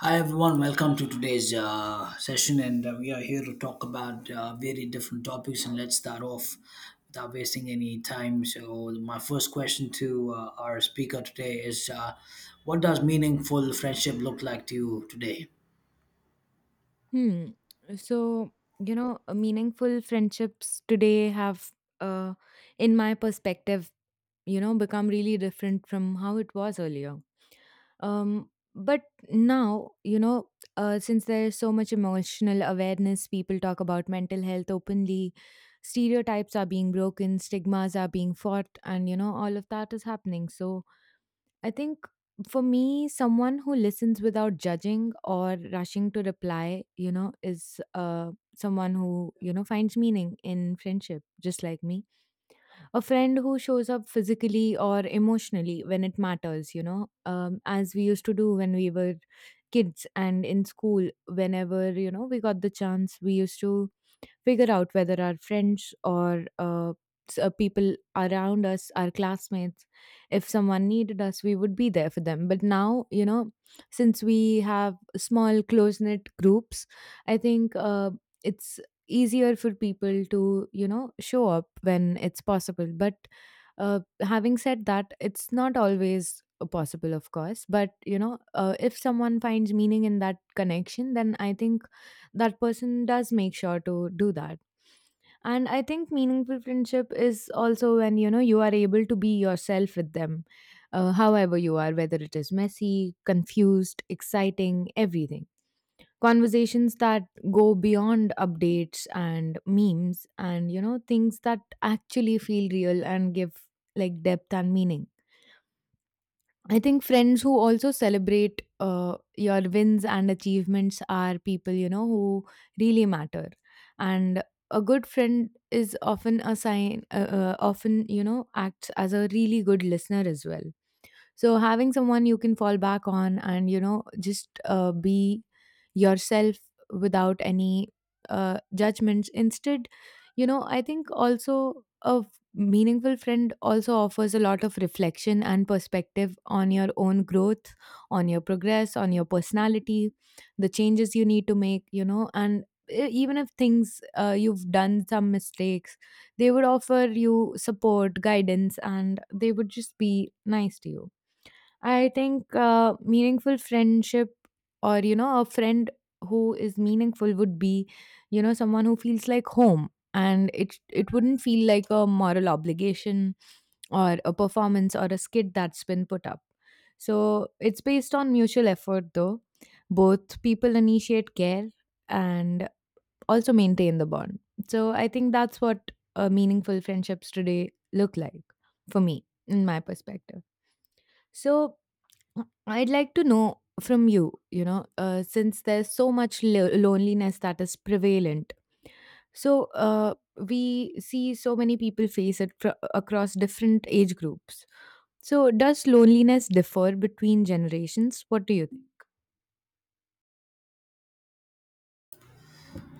Hi everyone, welcome to today's session, and we are here to talk about very different topics. And let's start off without wasting any time. So, my first question to our speaker today is, what does meaningful friendship look like to you today? Hmm. So, meaningful friendships today have, uh, in my perspective, you know, become really different from how it was earlier. Um, but now, you know, since there is so much emotional awareness, people talk about mental health openly, stereotypes are being broken, stigmas are being fought, and, you know, all of that is happening. So, I think for me, someone who listens without judging or rushing to reply, you know, is someone who, you know, finds meaning in friendship, just like me. A friend who shows up physically or emotionally when it matters, you know, as we used to do when we were kids and in school, whenever, you know, we got the chance, we used to figure out whether our friends or people around us, our classmates, if someone needed us, we would be there for them. But now, you know, since we have small, close knit groups, I think it's easier for people to, you know, show up when it's possible. But having said that, it's not always possible, of course. But, you know, if someone finds meaning in that connection, then I think that person does make sure to do that. And I think meaningful friendship is also when you know you are able to be yourself with them, however you are, whether it is messy, confused, exciting, everything. Conversations that go beyond updates and memes, and you know, things that actually feel real and give like depth and meaning. I think friends who also celebrate your wins and achievements are people, you know, who really matter. And a good friend is often often, you know, acts as a really good listener as well, so having someone you can fall back on, and you know, just be yourself without any judgments instead, you know, I think also meaningful friend also offers a lot of reflection and perspective on your own growth, on your progress, on your personality, the changes you need to make, you know. And even if things you've done some mistakes, they would offer you support, guidance, and they would just be nice to you. I think meaningful friendship or, you know, a friend who is meaningful would be, you know, someone who feels like home, and it wouldn't feel like a moral obligation or a performance or a skit that's been put up. So it's based on mutual effort though. Both people initiate care and also maintain the bond. So I think that's what meaningful friendships today look like for me in my perspective. So I'd like to know from you, you know, since there's so much loneliness that is prevalent. So, we see so many people face it across different age groups. So, does loneliness differ between generations? What do you think?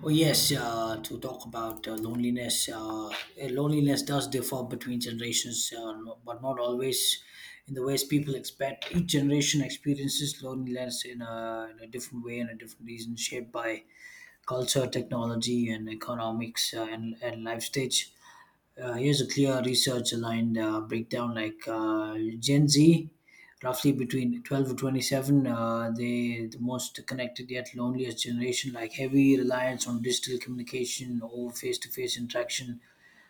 Oh yes, to talk about loneliness. Loneliness does differ between generations, but not always in the ways people expect. Each generation experiences loneliness in a different way and a different reason, shaped by culture, technology, and economics, and life stage. Here's a clear research aligned breakdown, like Gen Z, roughly between 12 to 27, they the most connected yet loneliest generation, like heavy reliance on digital communication over face to face interaction,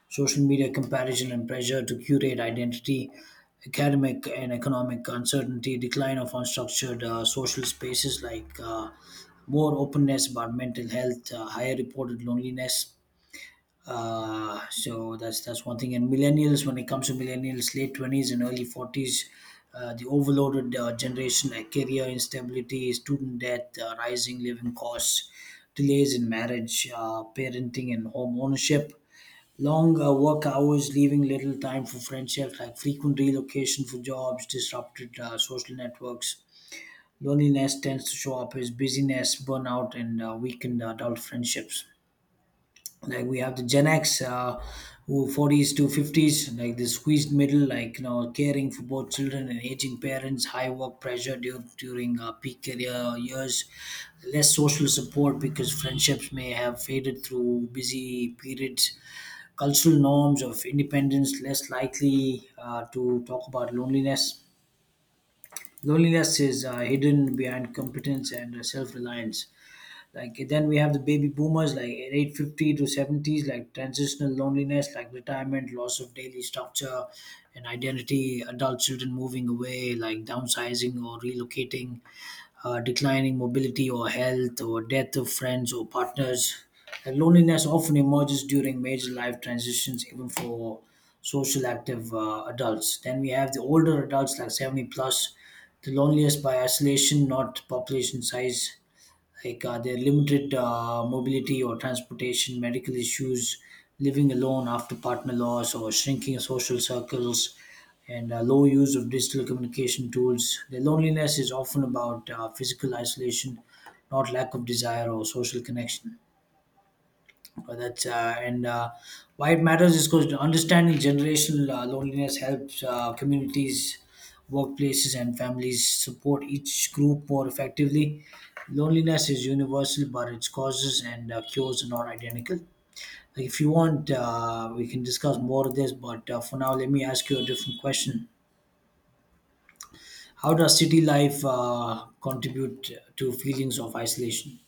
social media comparison and pressure to curate identity, academic and economic uncertainty, decline of unstructured social spaces, like more openness about mental health, higher reported loneliness. So that's one thing. And millennials, when it comes to millennials, late 20s and early 40s, the overloaded generation, like career instability, student debt, rising living costs, delays in marriage, parenting, and home ownership. Long work hours, leaving little time for friendships, like frequent relocation for jobs, disrupted social networks. Loneliness tends to show up as busyness, burnout, and weakened adult friendships. Like we have the gen x, who 40s to 50s, like the squeezed middle, like you know, caring for both children and aging parents, high work pressure during peak career years, less social support because friendships may have faded through busy periods, cultural norms of independence, less likely to talk about loneliness. Loneliness is hidden behind competence and self-reliance. Like then we have the baby boomers, like eight fifty to seventies, like transitional loneliness, like retirement, loss of daily structure and identity, adult children moving away, like downsizing or relocating, declining mobility or health, or death of friends or partners. And loneliness often emerges during major life transitions, even for social active adults. Then we have the older adults, like 70 plus, the loneliest by isolation, not population size, like their limited mobility or transportation, medical issues, living alone after partner loss, or shrinking social circles, and low use of digital communication tools. Their loneliness is often about physical isolation, not lack of desire or social connection. That's and Why it matters is because understanding generational loneliness helps communities, workplaces, and families support each group more effectively. Loneliness is universal, but its causes and cures are not identical. If you want, we can discuss more of this, but for now, let me ask you a different question. How does city life contribute to feelings of isolation?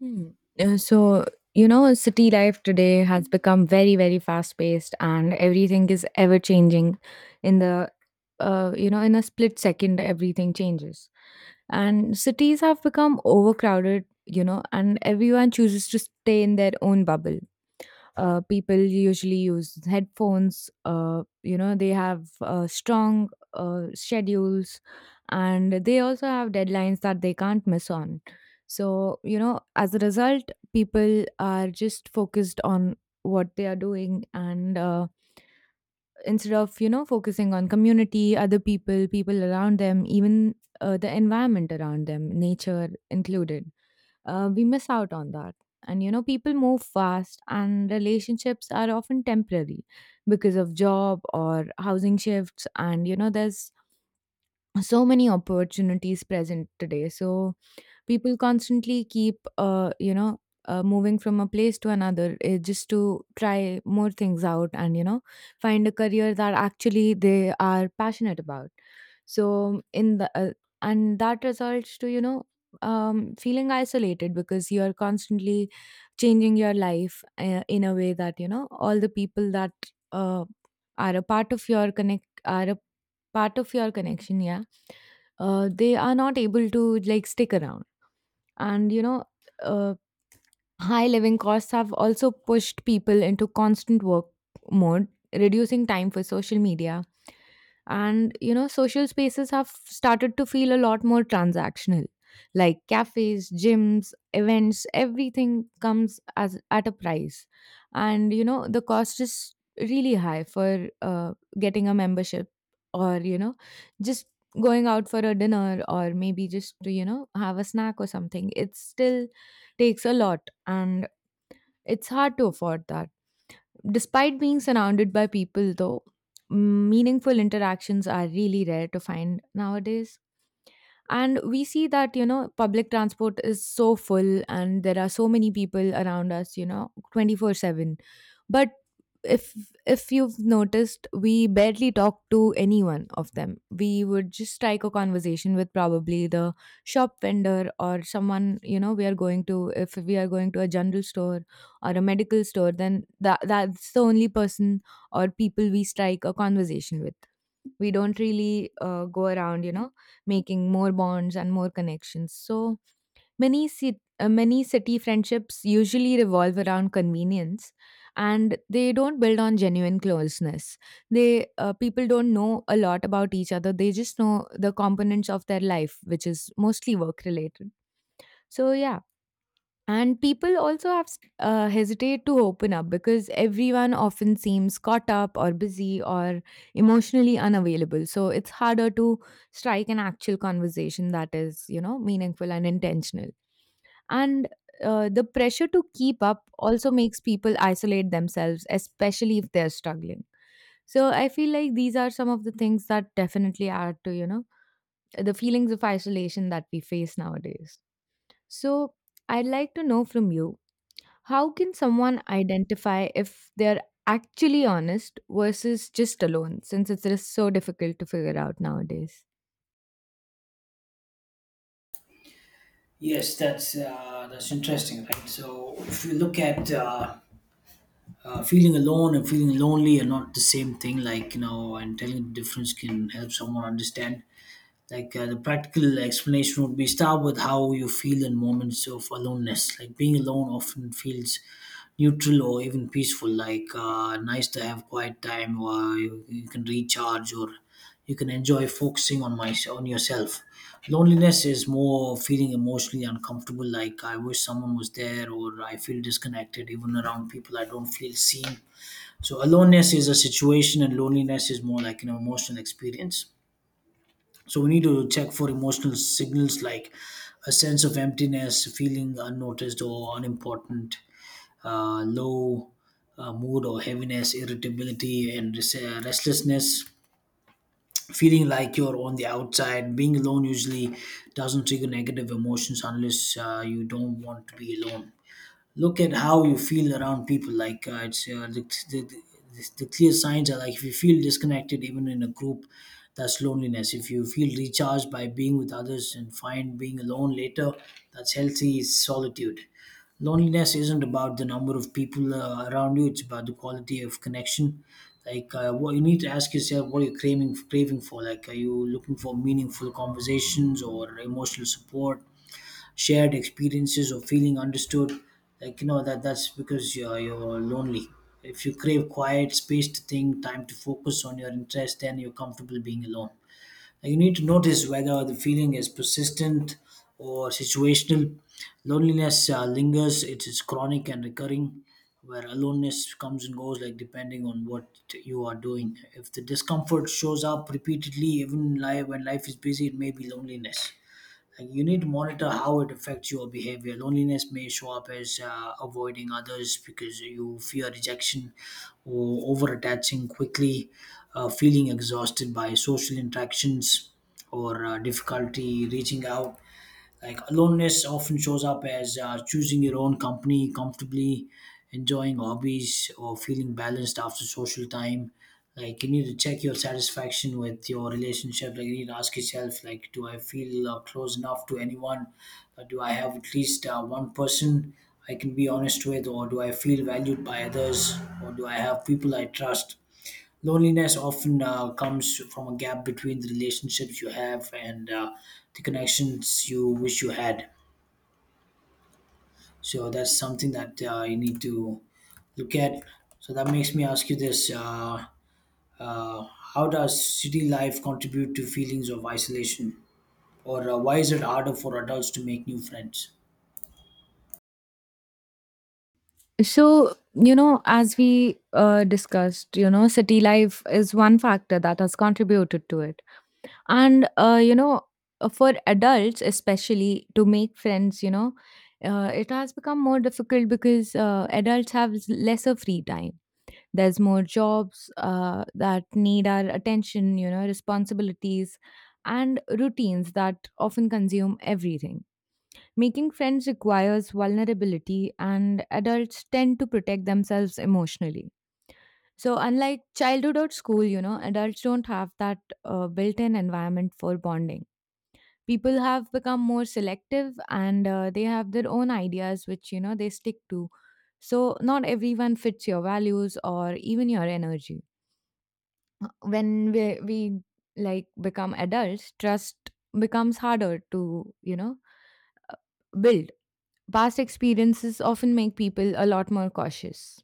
Hmm. So, you know, city life today has become very, very fast paced and everything is ever changing in you know, in a split second, everything changes. And cities have become overcrowded, you know, and everyone chooses to stay in their own bubble. People usually use headphones. You know, they have strong schedules, and they also have deadlines that they can't miss on. So, you know, as a result, people are just focused on what they are doing, and instead of, you know, focusing on community, other people, people around them, even the environment around them, nature included, we miss out on that. And, you know, people move fast and relationships are often temporary because of job or housing shifts. And you know, there's so many opportunities present today, so people constantly keep you know, moving from a place to another, just to try more things out and, you know, find a career that actually they are passionate about. So in the and that results to, you know, feeling isolated because you are constantly changing your life in a way that, you know, all the people that uh, are a part of your connect are a part of your connection, yeah. They are not able to like stick around, and you know, uh, high living costs have also pushed people into constant work mode, reducing time for social media. And, you know, social spaces have started to feel a lot more transactional. Like cafes, gyms, events, everything comes as at a price. And, you know, the cost is really high for getting a membership or, you know, just going out for a dinner or maybe just to, you know, have a snack or something. It still takes a lot, and it's hard to afford that. Despite being surrounded by people, though, meaningful interactions are really rare to find nowadays. And we see that, you know, public transport is so full and there are so many people around us, you know, 24/7. But if if you've noticed, we barely talk to anyone of them. We would just strike a conversation with probably the shop vendor or someone. You know, we are going to, if we are going to a general store or a medical store, then that's the only person or people we strike a conversation with. We don't really go around, you know, making more bonds and more connections. So many many city friendships usually revolve around convenience, and they don't build on genuine closeness. They People don't know a lot about each other. They just know the components of their life, which is mostly work related. So yeah, and people also hesitate to open up because everyone often seems caught up or busy or emotionally unavailable. So it's harder to strike an actual conversation that is, you know, meaningful and intentional. And the pressure to keep up also makes people isolate themselves, especially if they're struggling. So I feel like these are some of the things that definitely add to, you know, the feelings of isolation that we face nowadays. So I'd like to know from you, how can someone identify if they're actually honest versus just alone, since it's just so difficult to figure out nowadays? Yes, that's interesting, right? So if you look at, feeling alone and feeling lonely are not the same thing, like you know, and telling the difference can help someone understand. Like, the practical explanation would be, start with how you feel in moments of aloneness. Like, being alone often feels neutral or even peaceful. Like, nice to have quiet time, or you can recharge, or you can enjoy focusing on my on yourself. Loneliness is more feeling emotionally uncomfortable. Like, I wish someone was there, or I feel disconnected even around people. I don't feel seen. So, aloneness is a situation, and loneliness is more like an emotional experience, so we need to check for emotional signals, like a sense of emptiness, feeling unnoticed or unimportant, low mood or heaviness, irritability and restlessness, feeling like you're on the outside. Being alone usually doesn't trigger negative emotions unless you don't want to be alone. Look at how you feel around people. Like it's the, the clear signs are, like, if you feel disconnected even in a group, that's loneliness. If you feel recharged by being with others and find being alone later, that's healthy solitude. Loneliness isn't about the number of people around you, it's about the quality of connection. Like what you need to ask yourself, what you're craving for, like, are you looking for meaningful conversations or emotional support, shared experiences or feeling understood? Like, you know, that's because you're lonely. If you crave quiet space to think, time to focus on your interest, then you're comfortable being alone. Like, you need to notice whether the feeling is persistent or situational. Loneliness lingers, it is chronic and recurring, where aloneness comes and goes, like, depending on what you are doing. If the discomfort shows up repeatedly even life when life is busy, it may be loneliness. Like you need to monitor how it affects your behavior. Loneliness may show up as avoiding others because you fear rejection, or over attaching quickly, feeling exhausted by social interactions, or difficulty reaching out. Like aloneness often shows up as choosing your own company comfortably, enjoying hobbies, or feeling balanced after social time. Like you need to check your satisfaction with your relationship. Like you need to ask yourself, like, do I feel close enough to anyone? Or do I have at least one person I can be honest with, or do I feel valued by others, or do I have people I trust? Loneliness often comes from a gap between the relationships you have and the connections you wish you had. So that's something that you need to look at. So that makes me ask you this: uh, how does city life contribute to feelings of isolation, or why is it harder for adults to make new friends? So, you know, as we discussed, you know, city life is one factor that has contributed to it. And, you know, for adults, especially to make friends, you know, it has become more difficult because adults have lesser free time. There's more jobs that need our attention, you know, responsibilities and routines that often consume everything. Making friends requires vulnerability, and adults tend to protect themselves emotionally. So, unlike childhood or school, you know, adults don't have that built in environment for bonding. People have become more selective, and they have their own ideas, which, you know, they stick to. So, not everyone fits your values or even your energy. When we become adults, trust becomes harder to, you know, build. Past experiences often make people a lot more cautious,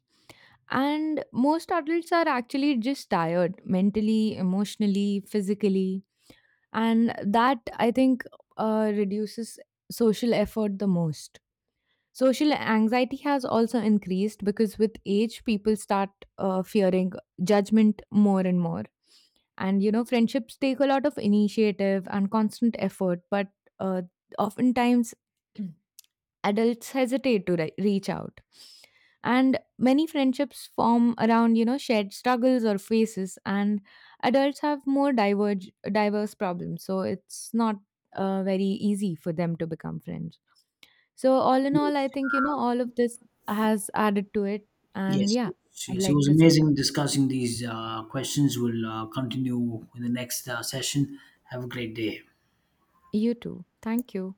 and most adults are actually just tired mentally, emotionally, physically, and that I think reduces social effort the most. Social anxiety has also increased because with age people start fearing judgment more and more. And you know, friendships take a lot of initiative and constant effort, but uh, oftentimes adults hesitate to reach out. And many friendships form around, you know, shared struggles or faces, and adults have more diverse problems. So it's not very easy for them to become friends. So, all in all, I think, you know, all of this has added to it. And Yes, yeah, I'd yes, it like was to say that. amazing discussing these questions. We'll continue in the next session. Have a great day. You too. Thank you.